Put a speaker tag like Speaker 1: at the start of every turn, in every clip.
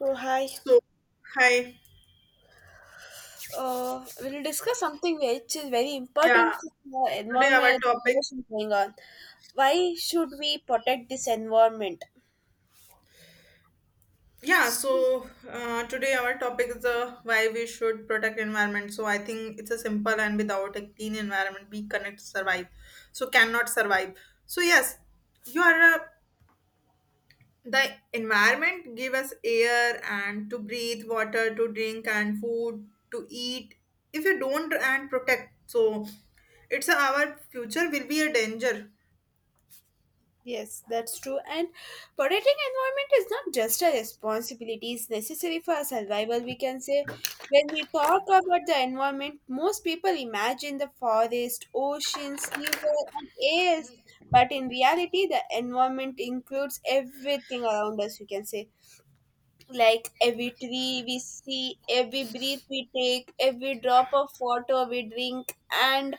Speaker 1: So hi,
Speaker 2: So, hi.
Speaker 1: we'll discuss something which is very important
Speaker 2: Yeah,
Speaker 1: for the
Speaker 2: today our
Speaker 1: environment
Speaker 2: topic.
Speaker 1: situation going on. Why should we protect this environment?
Speaker 2: Yeah, so today our topic is why we should protect environment. So I think it's a simple and without a clean environment, we cannot survive. So cannot survive. So yes, you are the environment give us air and to breathe, water to drink and food to eat. If you don't and protect, so it's our future will be a danger.
Speaker 1: Yes, that's true. And protecting environment is not just a responsibility; it's necessary for our survival. We can say when we talk about the environment, most people imagine the forest, oceans, river, and air. But in reality, the environment includes everything around us. We can say like every tree we see, every breath we take, every drop of water we drink, and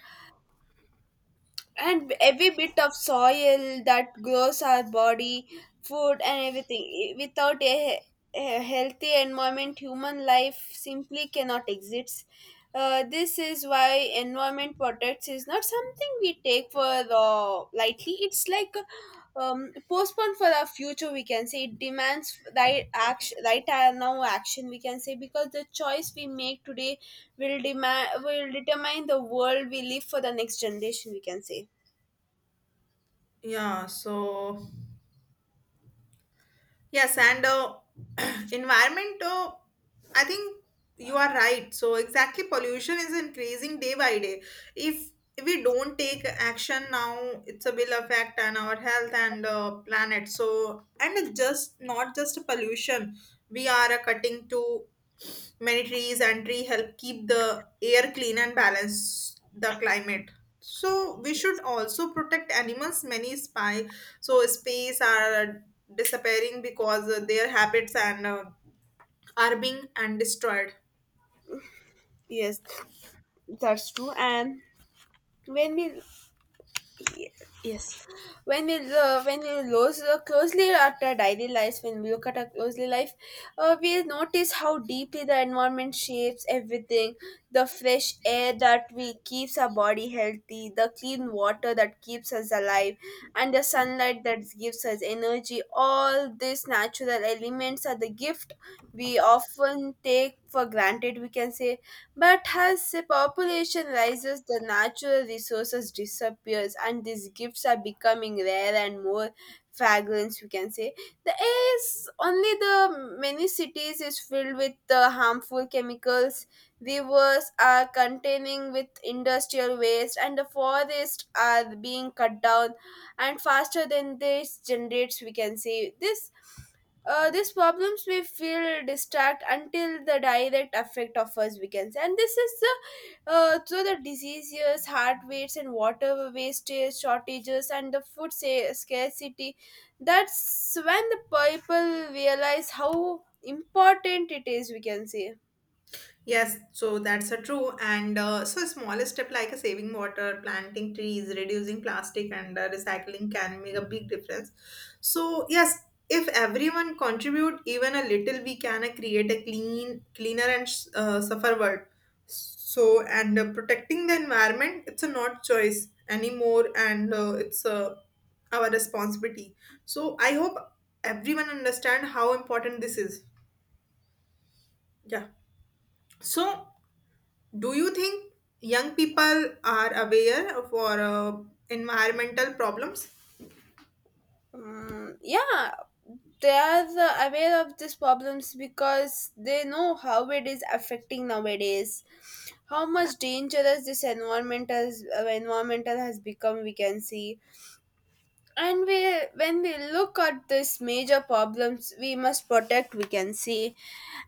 Speaker 1: and every bit of soil that grows our body food, and everything without a healthy environment, human life simply cannot exist. This is why environment protects is not something we take for lightly. It's like postponed for our future, we can say. It demands right action, right now action, we can say, because the choice we make today will demand, will determine the world we live for the next generation, we can say.
Speaker 2: Yeah, so yes, and environment, I think you are right. So, exactly, pollution is increasing day by day. If we don't take action now, it's a will affect on our health and planet. So, and it just not just pollution, we are cutting to many trees and tree help keep the air clean and balance the climate. So we should also protect animals. Many spy so space are disappearing because their habits and are being and destroyed.
Speaker 1: Yes, that's true. And when we yes, when we look closely at our daily life, when we look at our closely life, we notice how deeply the environment shapes everything. The fresh air that we keeps our body healthy, the clean water that keeps us alive, and the sunlight that gives us energy. All these natural elements are the gift we often take for granted, we can say. But as the population rises, the natural resources disappears, and these gifts are becoming rare and more fragrant, we can say. The air is only the many cities is filled with the harmful chemicals. Rivers are containing with industrial waste, and the forests are being cut down and faster than this generates, we can say. This These problems may feel distract until the direct effect of us weakens, and this is the so the diseases, heart rates, and water wastage, shortages, and the food scarcity. That's when the people realize how important it is, we can say.
Speaker 2: Yes, so that's a true. And so, a small step like a saving water, planting trees, reducing plastic, and recycling can make a big difference. So, yes, if everyone contribute even a little, we can create a clean, cleaner, and suffer world. So, and protecting the environment, it's a not choice anymore, and it's our responsibility. So, I hope everyone understand how important this is. Yeah. So do you think young people are aware for environmental problems?
Speaker 1: Mm. Yeah, they are aware of these problems because they know how it is affecting nowadays, how much dangerous this environment has, environmental has become. We can see, and we, when we look at these major problems, we must protect. We can see,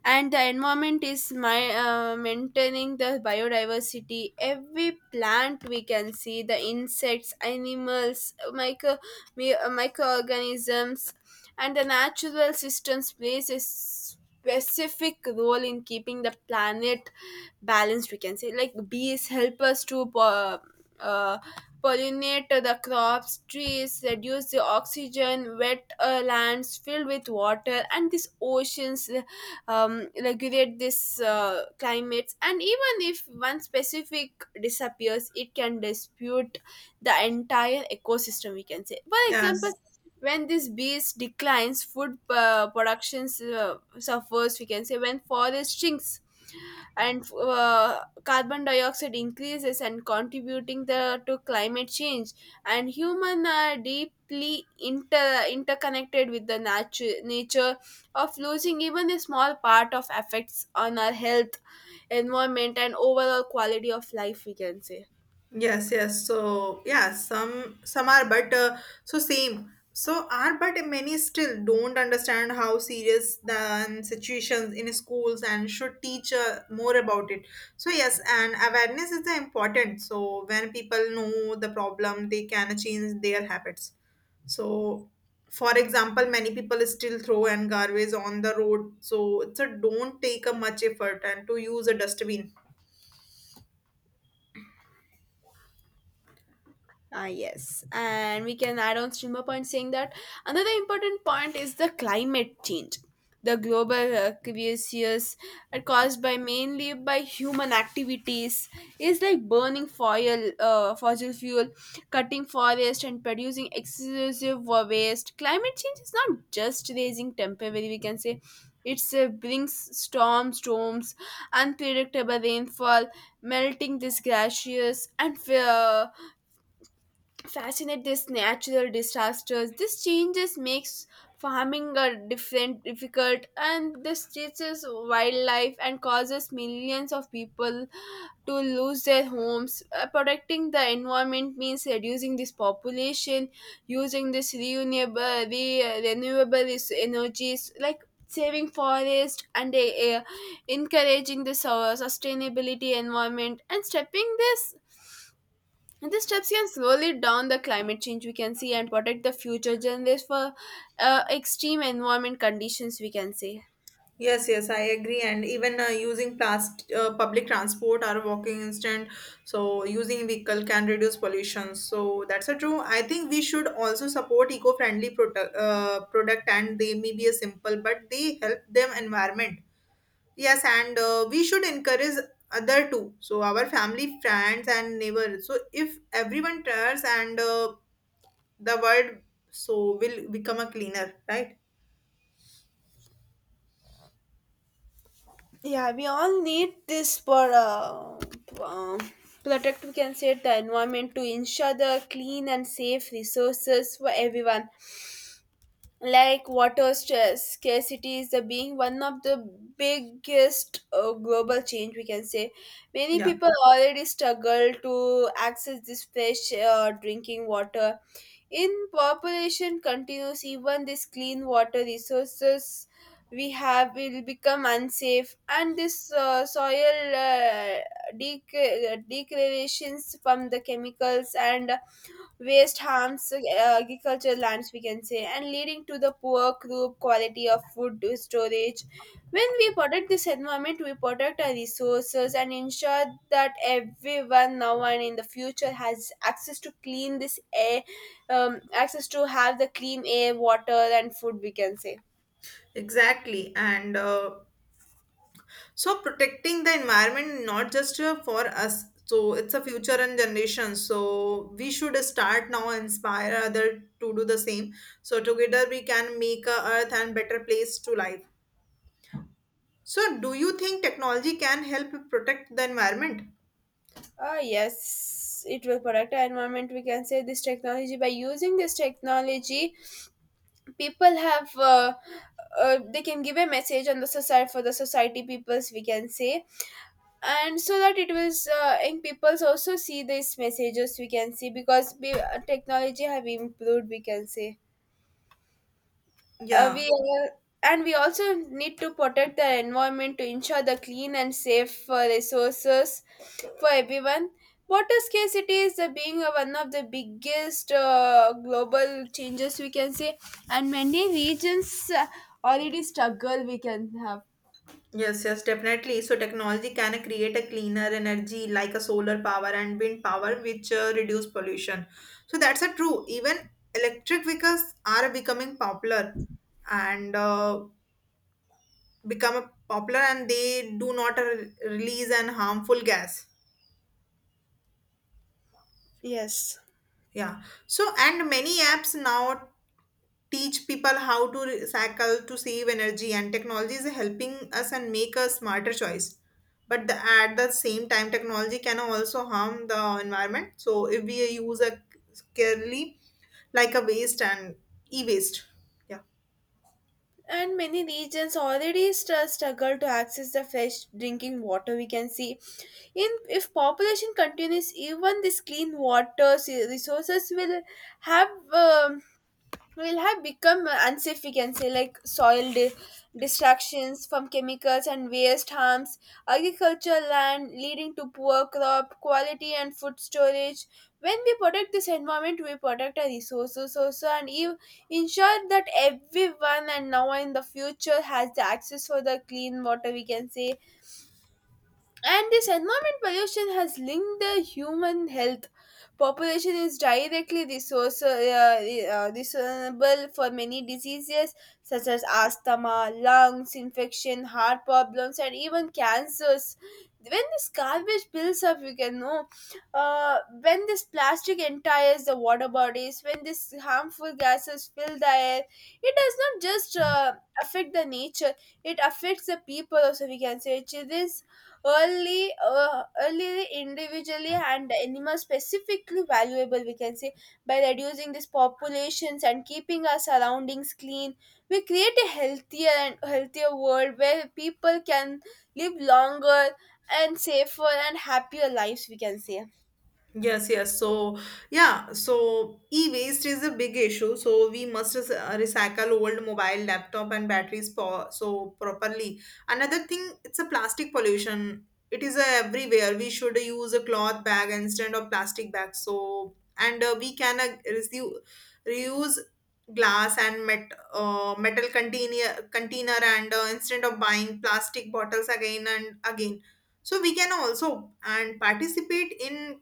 Speaker 1: and the environment is my maintaining the biodiversity. Every plant, we can see, the insects, animals, microorganisms and the natural systems plays a specific role in keeping the planet balanced, we can say. Like bees help us to uh, pollinate the crops, trees reduce the oxygen, wet lands filled with water, and these oceans regulate this climates, and even if one specific disappears, it can dispute the entire ecosystem, we can say. For example,
Speaker 2: Yes.
Speaker 1: when this beast declines, food productions suffers, we can say. When forest shrinks and carbon dioxide increases and contributing the to climate change, and human are deeply interconnected with the nature of losing even a small part of effects on our health, environment, and overall quality of life, we can say.
Speaker 2: Yes, yes. So yeah, some are, but so same. So are, but many still don't understand how serious the situations in schools and should teach more about it. So yes, and awareness is the important. So when people know the problem, they can change their habits. So, for example, many people still throw and garbage on the road. So it's a don't take a much effort and to use a dustbin.
Speaker 1: Ah, yes, and we can add on streamer point saying that another important point is the climate change. The global crisis caused by mainly by human activities is like burning fossil fuel, cutting forest, and producing excessive waste. Climate change is not just raising temperature, we can say. It's brings storms, unpredictable rainfall, melting these glaciers, and fascinate these natural disasters. These changes makes farming a different difficult, and this teaches wildlife and causes millions of people to lose their homes. Protecting the environment means reducing this population, using this renewable energies like saving forest, and encouraging the sustainability environment and stepping this, and these steps can slowly down the climate change, we can see, and protect the future generations for extreme environment conditions, we can say.
Speaker 2: Yes, yes, I agree. And even using plast public transport or walking instant, so using vehicle can reduce pollution. So that's a true. I think we should also support eco-friendly product, product, and they may be a simple, but they help them environment. Yes, and we should encourage other too. So our family, friends, and neighbors. So if everyone tries, and the world so will become a cleaner, right?
Speaker 1: Yeah, we all need this for um, protect, we can say, the environment to ensure the clean and safe resources for everyone. Like water stress, scarcity is the being one of the biggest global change, we can say. Many
Speaker 2: Yeah,
Speaker 1: people already struggle to access this fresh drinking water. In population continues, even this clean water resources we have will become unsafe, and this uh, soil degradations from the chemicals and waste harms agricultural lands, we can say, and leading to the poor crop quality of food storage. When we protect this environment, we protect our resources and ensure that everyone now and in the future has access to clean this air, access to have the clean air, water, and food, we can say.
Speaker 2: exactly. And so protecting the environment not just for us, so it's a future and generation. So we should start now, inspire other to do the same. So together we can make a earth and better place to live. So do you think technology can help protect the environment?
Speaker 1: Ah yes, it will protect our environment. We can say this technology. By using this technology, people have they can give a message on the society for the society peoples, we can say, and so that it was and peoples also see these messages, we can see, because technology have improved, we can say. uh, we
Speaker 2: Yeah.
Speaker 1: uh, and we also need to protect the environment to ensure the clean and safe resources for everyone. Water scarcity is the being one of the biggest global changes, we can say, and many regions already struggle. We can have
Speaker 2: Yes, yes, definitely. So technology can create a cleaner energy like a solar power and wind power, which reduce pollution. So that's a true. Even electric vehicles are becoming popular, and become popular and they do not release an harmful gas.
Speaker 1: yes,
Speaker 2: Yeah, so and many apps now teach people how to recycle to save energy and technology is helping us and make a smarter choice but the, at the same time technology can also harm the environment so if we use a carefully like a waste and e-waste. Yeah.
Speaker 1: and many regions already struggle to access the fresh drinking water, we can see in. If population continues, even this clean water resources will have, will have become unsafe, we can say. Like distractions from chemicals and waste harms agricultural land, leading to poor crop quality and food storage. When we protect this environment, we protect our resources also, and ensure that everyone and now and in the future has the access for the clean water, we can say. And this environment pollution has linked the human health. Population is directly responsible for many diseases such as asthma, lungs infection, heart problems, and even cancers. When this garbage builds up, you can know. When this plastic entires the water bodies, when these harmful gases fill the air, it does not just affect the nature; it affects the people. Also, we can say, it is early individually and animal specifically valuable, we can say. By reducing these populations and keeping our surroundings clean, we create a healthier world where people can live longer and safer and happier lives, we can say.
Speaker 2: Yes, yes. So, yeah, so e-waste is a big issue. So, we must recycle old mobile, laptop, and batteries so properly. Another thing, it's a plastic pollution. It is everywhere. We should use a cloth bag instead of plastic bags. So, and we can reuse glass and metal container and instead of buying plastic bottles again and again so we can also and participate in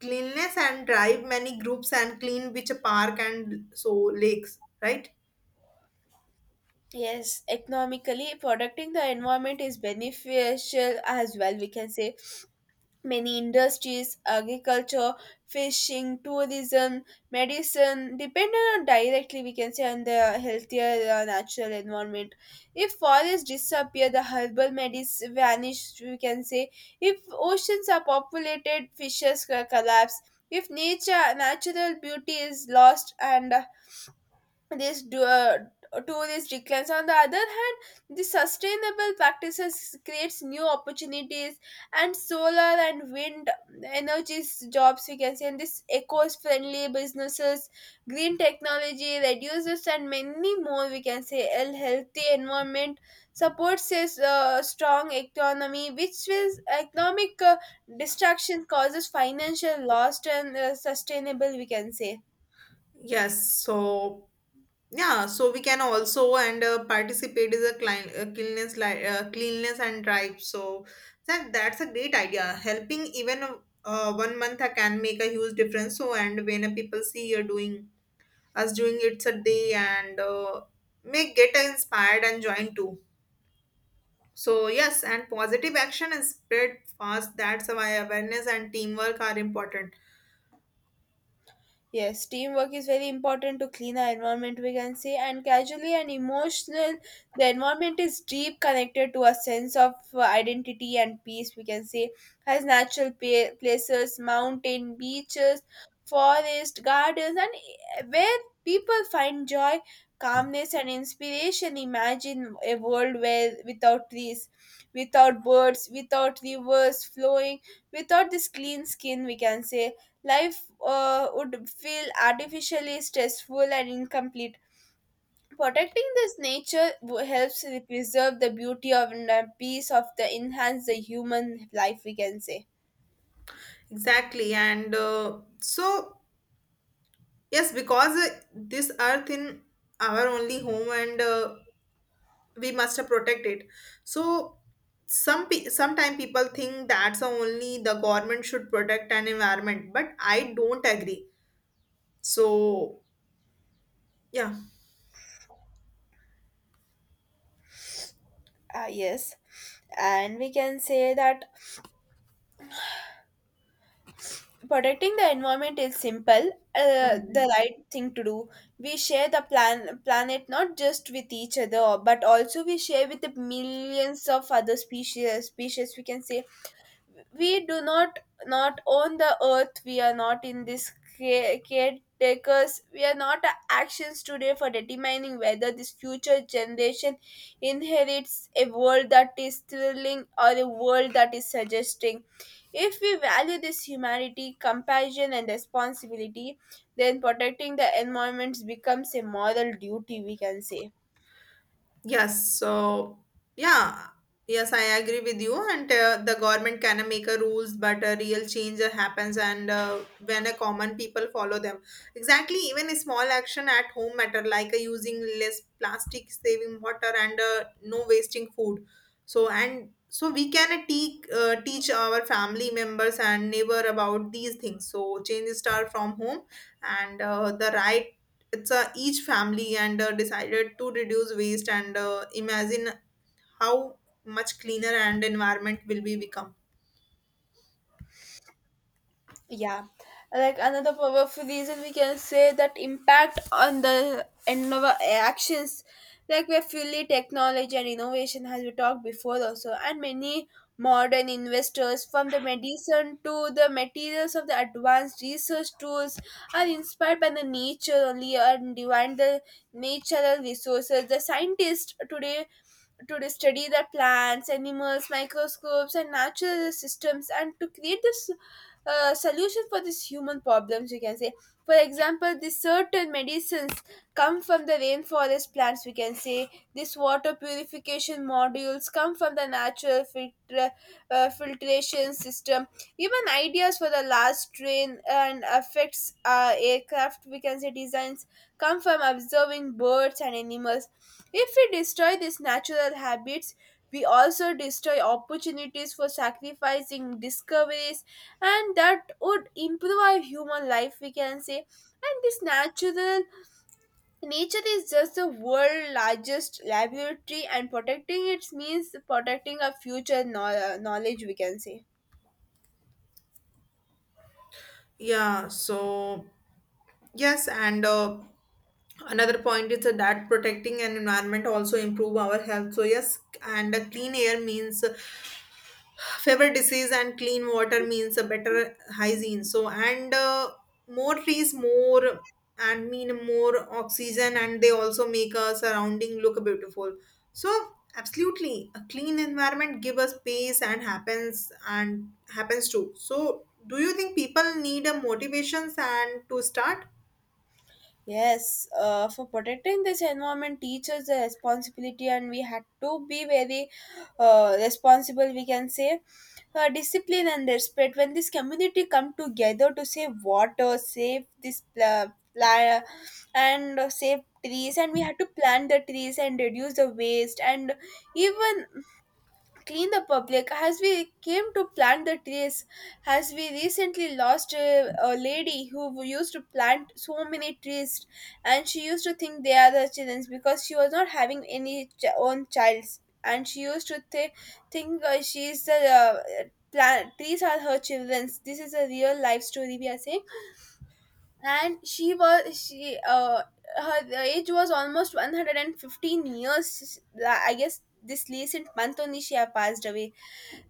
Speaker 2: cleanliness and drive many groups and clean which park and so lakes, right?
Speaker 1: Yes, economically protecting the environment is beneficial as well, we can say. Many industries, agriculture, fishing, tourism, medicine, depend on directly, we can say, on the healthier natural environment. If forests disappear, the herbal medicine vanish, we can say. If oceans are populated, fishes collapse. If nature natural beauty is lost and this do, uh, tourist declines. On the other hand, the sustainable practices creates new opportunities, and solar and wind energies jobs, we can say, and this eco-friendly businesses, green technology reduces, and many more, we can say. A healthy environment supports a strong economy, which is economic distraction causes financial loss and sustainable, we can say.
Speaker 2: Yes, so yeah, so we can also and participate is a cleanliness and drive. So that's a great idea. Helping even one month can make a huge difference. So and when people see you are doing us doing it's a day and may get inspired and join too. So yes, and positive action is spread fast. That's why awareness and teamwork are important.
Speaker 1: Yes, teamwork is very important to clean our environment, we can say, and casually and emotional. The environment is deep connected to a sense of identity and peace, we can say, has natural places, mountain, beaches, forest, gardens, and where people find joy, calmness, and inspiration. Imagine a world where without trees, without birds, without rivers flowing, without this clean skin, we can say. Life would feel artificially stressful and incomplete. Protecting this nature helps to preserve the beauty of and the peace of the enhance the human life, we can say.
Speaker 2: Exactly, and so yes, because this earth in our only home, and we must protect it. So sometimes people think that's the only the government should protect an environment, but I don't agree. So yeah.
Speaker 1: Ah, yes. And we can say that protecting the environment is simple, the
Speaker 2: Mhm.
Speaker 1: right thing to do. We share the planet not just with each other, but also we share with the millions of other species, we can say. We do not own the earth. We are not in this caretakers. We are not actions today for determining whether this future generation inherits a world that is thrilling or a world that is suggesting. If we value this humanity, compassion, and responsibility, then protecting the environments becomes a moral duty, we can say.
Speaker 2: Yes, so yeah, yes, I agree with you. And the government can make a rules, but a real change happens, and when a common people follow them. Exactly, even a small action at home matter, like using less plastic, saving water, and no wasting food. So and so we can teach our family members and neighbor about these things. So change start from home, and the right it's a each family and decided to reduce waste and imagine how much cleaner and environment will be become.
Speaker 1: Yeah, like another powerful reason, we can say, that impact on the and our actions, like we're fully technology and innovation, as we talked before also, and many modern investors from the medicine to the materials of the advanced research tools are inspired by the nature only and divine the natural resources. The scientists today to the study the plants, animals, microscopes, and natural systems, and to create this solution for these human problems, we can say. For example, these certain medicines come from the rainforest plants, we can say. This water purification modules come from the filtration system. Even ideas for the last train and affects aircraft, we can say, designs come from observing birds and animals if we destroy these natural habits, we also destroy opportunities for sacrificing discoveries, and that would improve our human life, we can say. And this natural nature is just the world's largest laboratory, and protecting it means protecting our future knowledge, we can say.
Speaker 2: Yeah, so yes and another point is that protecting an environment also improve our health so yes and a clean air means fever disease and clean water means a better hygiene so and more trees more and mean more oxygen and they also make our surrounding look beautiful so absolutely a clean environment give us peace and happens too so do you think people need a motivations and to start?
Speaker 1: Yes, for protecting this environment, teachers the responsibility, and we had to be very responsible. We can say discipline and respect. When this community come together to save water, save this pla- pla- and save trees, and we had to plant the trees and reduce the waste, and even clean the public as we came to plant the trees as we recently lost a lady who used to plant so many trees, and she used to think they are the children's because she was not having any own childs, and she used to think she is the plant trees are her children's. This is a real life story we are saying. And she her age was almost 115 years, I guess. This recent month only she had passed away.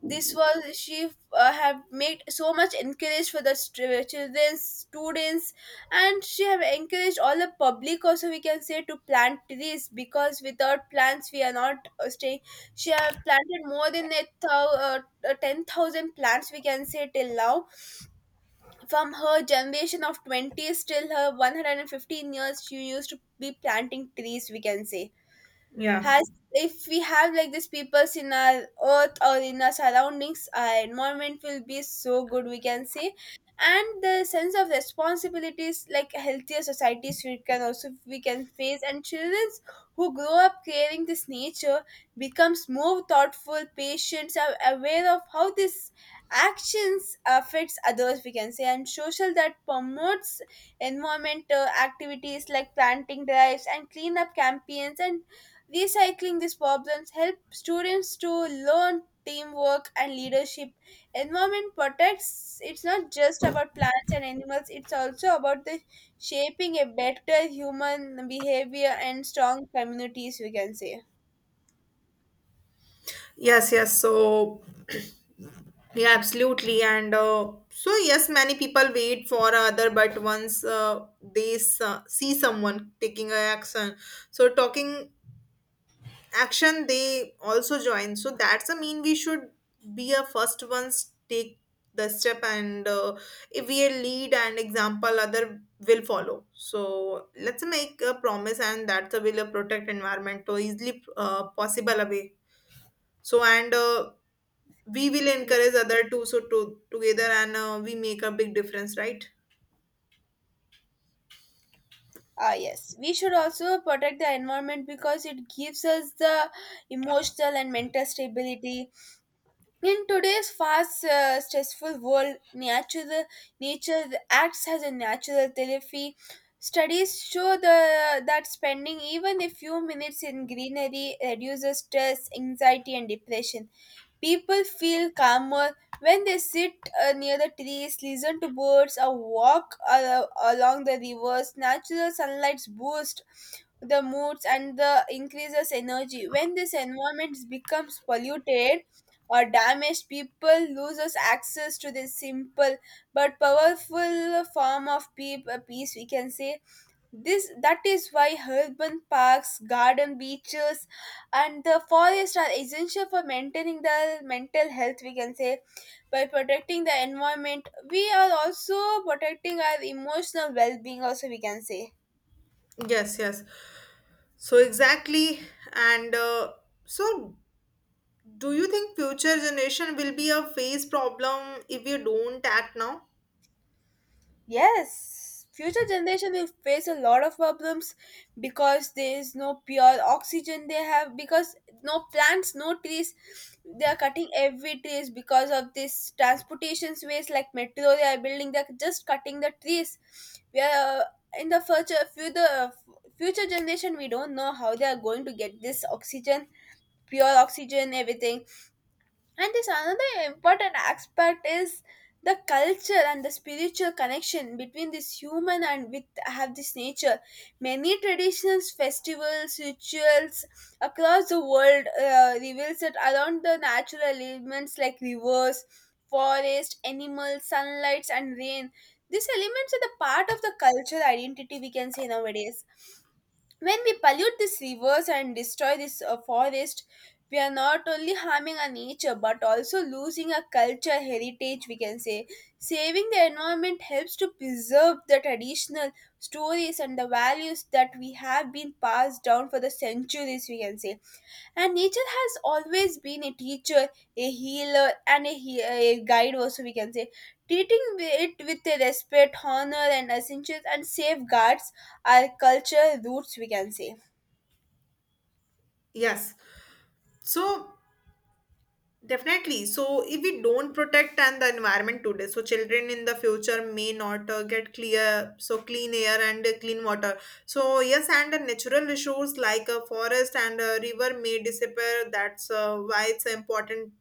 Speaker 1: This was she have made so much encourage for the children students, and she have encouraged all the public also, we can say, to plant trees because without plants we are not staying. She have planted more than 10,000 plants we can say till now. From her generation of 20s till her 115 years she used to be planting trees, we can say.
Speaker 2: Yeah.
Speaker 1: Has If we have like these peoples in our earth or in our surroundings, our environment will be so good, we can say. And the sense of responsibilities like healthier societies we can also we can face, and children who grow up caring this nature becomes more thoughtful, patient, are aware of how this actions affects others, we can say, and social that promotes environmental activities like planting drives and cleanup campaigns and recycling these problems help students to learn teamwork and leadership. Environment protects it's not just about plants and animals, it's also about the shaping a better human behavior and strong communities, we can say.
Speaker 2: Yes, yes, so yeah, absolutely. And so, yes, many people wait for other, but once they see someone taking a action, so talking action, they also join. So that's a mean we should be a first ones take the step, and if we lead and example, other will follow. So let's make a promise, and that's that will protect environment to easily possible away. So and we will encourage other two so to, together and we make a big difference, right?
Speaker 1: Ah, yes. We should also protect the environment because it gives us the emotional and mental stability. In today's fast, stressful world, nature acts as a natural therapy. Studies show the, that spending even a few minutes in greenery reduces stress, anxiety, and depression. People feel calmer when they sit near the trees, listen to birds, or walk along the rivers. Natural sunlight boosts the moods and the increases energy when this environment becomes polluted or damaged people loses access to this simple but powerful form of peace, we can say. This that is why urban parks, garden, beaches, and the forest are essential for maintaining the mental health, we can say. By protecting the environment we are also protecting our emotional well-being also, we can say.
Speaker 2: Yes, yes, so exactly, and so do you think future generation will be a face problem if we don't act now?
Speaker 1: Yes, future generation will face a lot of problems because there is no pure oxygen they have because no plants, no trees. They are cutting every trees because of this transportation's ways like metro they are building. They are just cutting the trees. We are in the future generation. We don't know how they are going to get this oxygen, pure oxygen, everything. And this another important aspect is the culture and the spiritual connection between this human and with have this nature. Many traditions, festivals, rituals across the world reveals that around the natural elements like rivers, forest, animals, sunlights, and rain. These elements are the part of the cultural identity, we can say, nowadays. When we pollute these rivers and destroy this forest, we are not only harming our nature but also losing our culture heritage. We can say saving the environment helps to preserve the traditional stories and the values that we have been passed down for the centuries. We can say, and nature has always been a teacher, a healer, and a guide also, we can say, treating it with a respect, honor, and essentials, and safeguards our culture roots, we can say.
Speaker 2: Yes, so definitely. So, if we don't protect and the environment today, so children in the future may not get clear, so clean air and clean water. So, yes, and the natural resource like a forest and a river may disappear. That's why it's important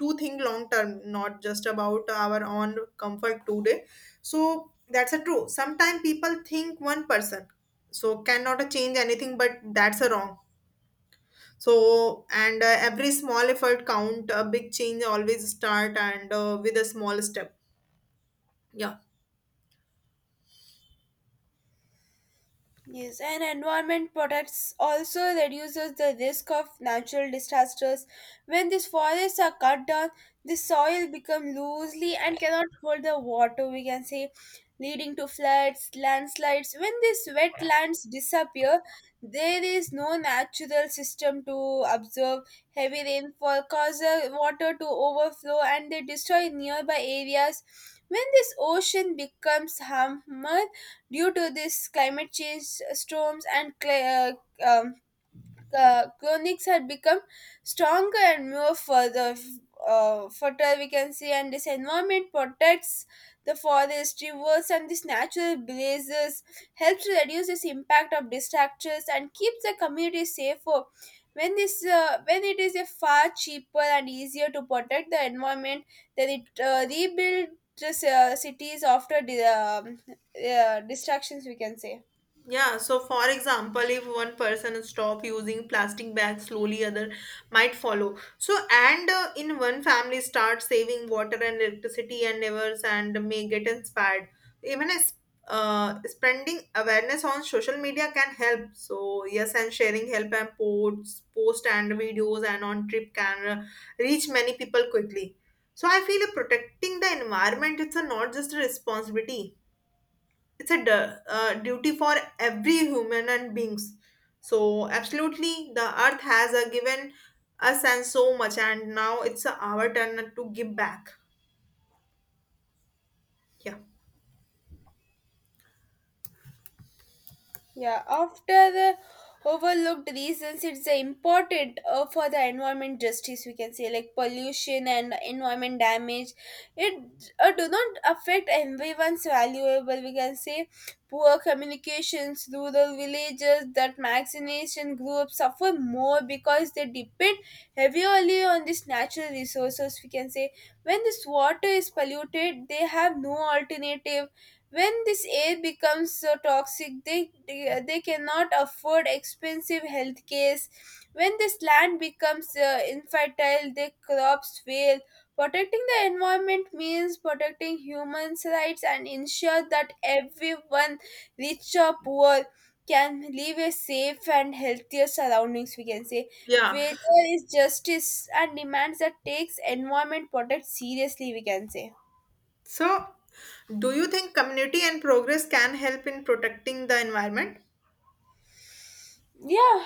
Speaker 2: to think long term, not just about our own comfort today. So, that's a true. Sometimes people think one person so cannot change anything, but that's a wrong so and every small effort count a big change always start and with a small step. Yeah.
Speaker 1: Yes, and environment protects also reduces the risk of natural disasters. When these forests are cut down, the soil becomes loosely and cannot hold the water, we can say, leading to floods, landslides. When these wetlands disappear, there is no natural system to absorb heavy rainfall, cause water to overflow and they destroy nearby areas. When this ocean becomes harmer, due to this climate change storms and uh, um, conics had become stronger and more further fertile, we can see, and this environment protects the forest, rivers, and these natural blazes helps to reduce this impact of distractors and keeps the community safer when this when it is a far cheaper and easier to protect the environment then it rebuild the cities after the distractions, we can say.
Speaker 2: Yeah, so for example, if one person stop using plastic bags, slowly other might follow. So and in one family start saving water and electricity and rivers and may get inspired. Even as spreading awareness on social media can help. So yes, and sharing help and posts, post and videos and on trip can reach many people quickly. So I feel protecting the environment it's a not just a responsibility it's a duty for every human and beings so absolutely the earth has given us and so much and now it's our turn to give back. Yeah.
Speaker 1: Yeah, after the overlooked reasons, it's important for the environment justice. We can say like pollution and environment damage. It do not affect everyone's valuable. We can say poor communications, rural villages that vaccination groups suffer more because they depend heavily on these natural resources. We can say when this water is polluted, they have no alternative when this air becomes so toxic, they cannot afford expensive health cares. When this land becomes infertile, the crops fail. Protecting the environment means protecting humans' rights and ensure that everyone, rich or poor, can live a safe and healthier surroundings, we can say.
Speaker 2: Yeah.
Speaker 1: Failure is justice and demands that takes environment protect seriously, we can say.
Speaker 2: So do you think community and progress can help in protecting the environment?
Speaker 1: Yeah.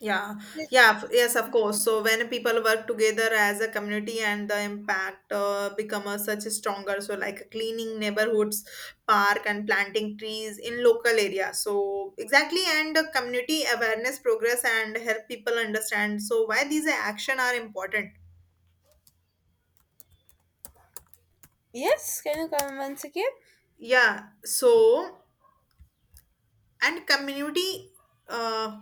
Speaker 2: Yeah, yeah, yes, of course. So when people work together as a community and the impact become a such a stronger. So like cleaning neighborhoods, park and planting trees in local area. So exactly, and the community awareness progress and help people understand. So why these action are important.
Speaker 1: Yes, can you come once again?
Speaker 2: Yeah. So and community. Uh,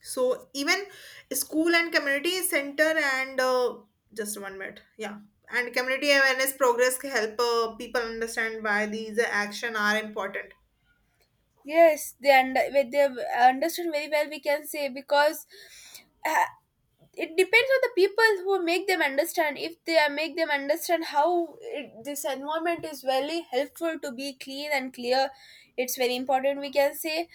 Speaker 2: So even school and community center and just one minute, yeah, and community awareness progress can help people understand why these action are important.
Speaker 1: Yes, they under with they understood very well. We can say because uh, it depends on the people who make them understand. If they are- make them understand how it, this environment is very helpful to be clean and clear, it's very important. We can say,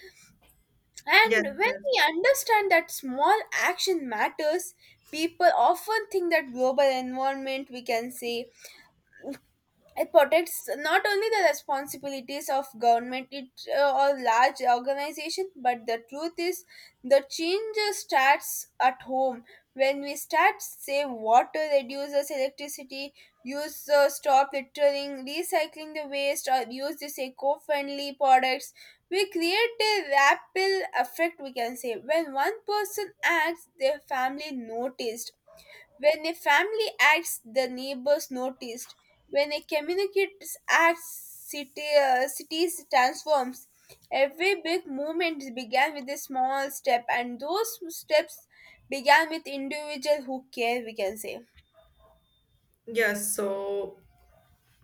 Speaker 1: and
Speaker 2: Yes,
Speaker 1: when
Speaker 2: yes,
Speaker 1: we understand that small action matters, people often think that global environment. We can say it protects not only the responsibilities of government it, or large organization, but the truth is the change starts at home. When we start save water, reduces electricity, use stop littering, recycling the waste, or use these eco-friendly products, we create a ripple effect. We can say when one person acts, their family noticed when a family acts, the neighbors noticed. When a community acts, cities transforms. Every big movement began with a small step, and those steps began with individuals who care. We can say.
Speaker 2: yes. So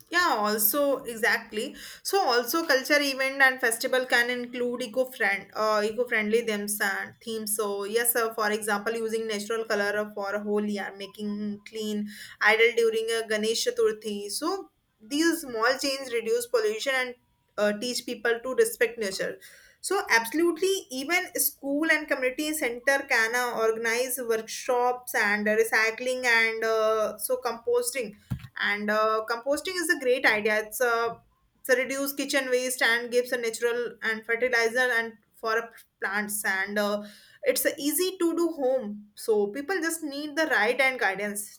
Speaker 2: yeah, also exactly. So also culture event and festival can include eco-friendly themes. So yes, sir, for example, using natural color for a whole year, making clean idle during a Ganesh Chaturthi. So these small changes reduce pollution and teach people to respect nature. So absolutely, even school and community center can organize workshops and recycling and so composting and composting is a great idea it's a reduce kitchen waste and gives a natural and fertilizer and for a plants and it's a easy to do home so people just need the right and guidance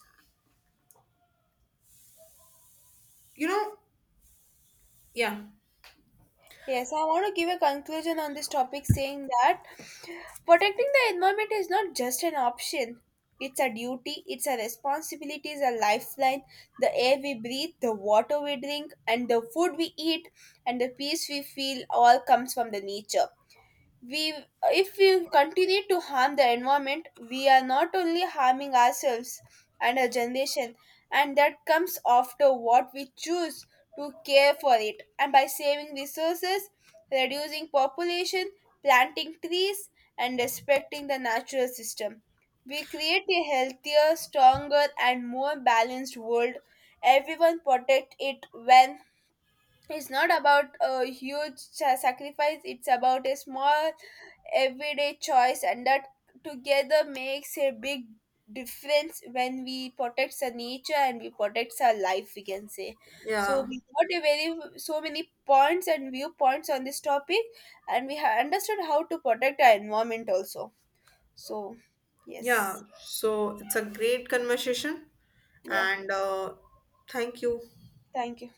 Speaker 2: you know. Yeah.
Speaker 1: Yes, I want to give a conclusion on this topic saying that protecting the environment is not just an option. It's a duty, it's a responsibility, it's a lifeline. The air we breathe, the water we drink, and the food we eat, and the peace we feel all comes from the nature we if we continue to harm the environment we are not only harming ourselves and our generation and that comes after what we choose to care for it and by saving resources, reducing population, planting trees, and respecting the natural system, we create a healthier, stronger, and more balanced world. Everyone protect it when it's not about a huge sacrifice, it's about a small everyday choice, and that together makes a big difference when we protect the nature and we protect our life, we can say. So
Speaker 2: Yeah,
Speaker 1: we got a very so many points and viewpoints on this topic, and we have understood how to protect our environment also. So
Speaker 2: yeah,
Speaker 1: yes.
Speaker 2: so it's a great conversation
Speaker 1: Yeah,
Speaker 2: and thank you.
Speaker 1: thank you.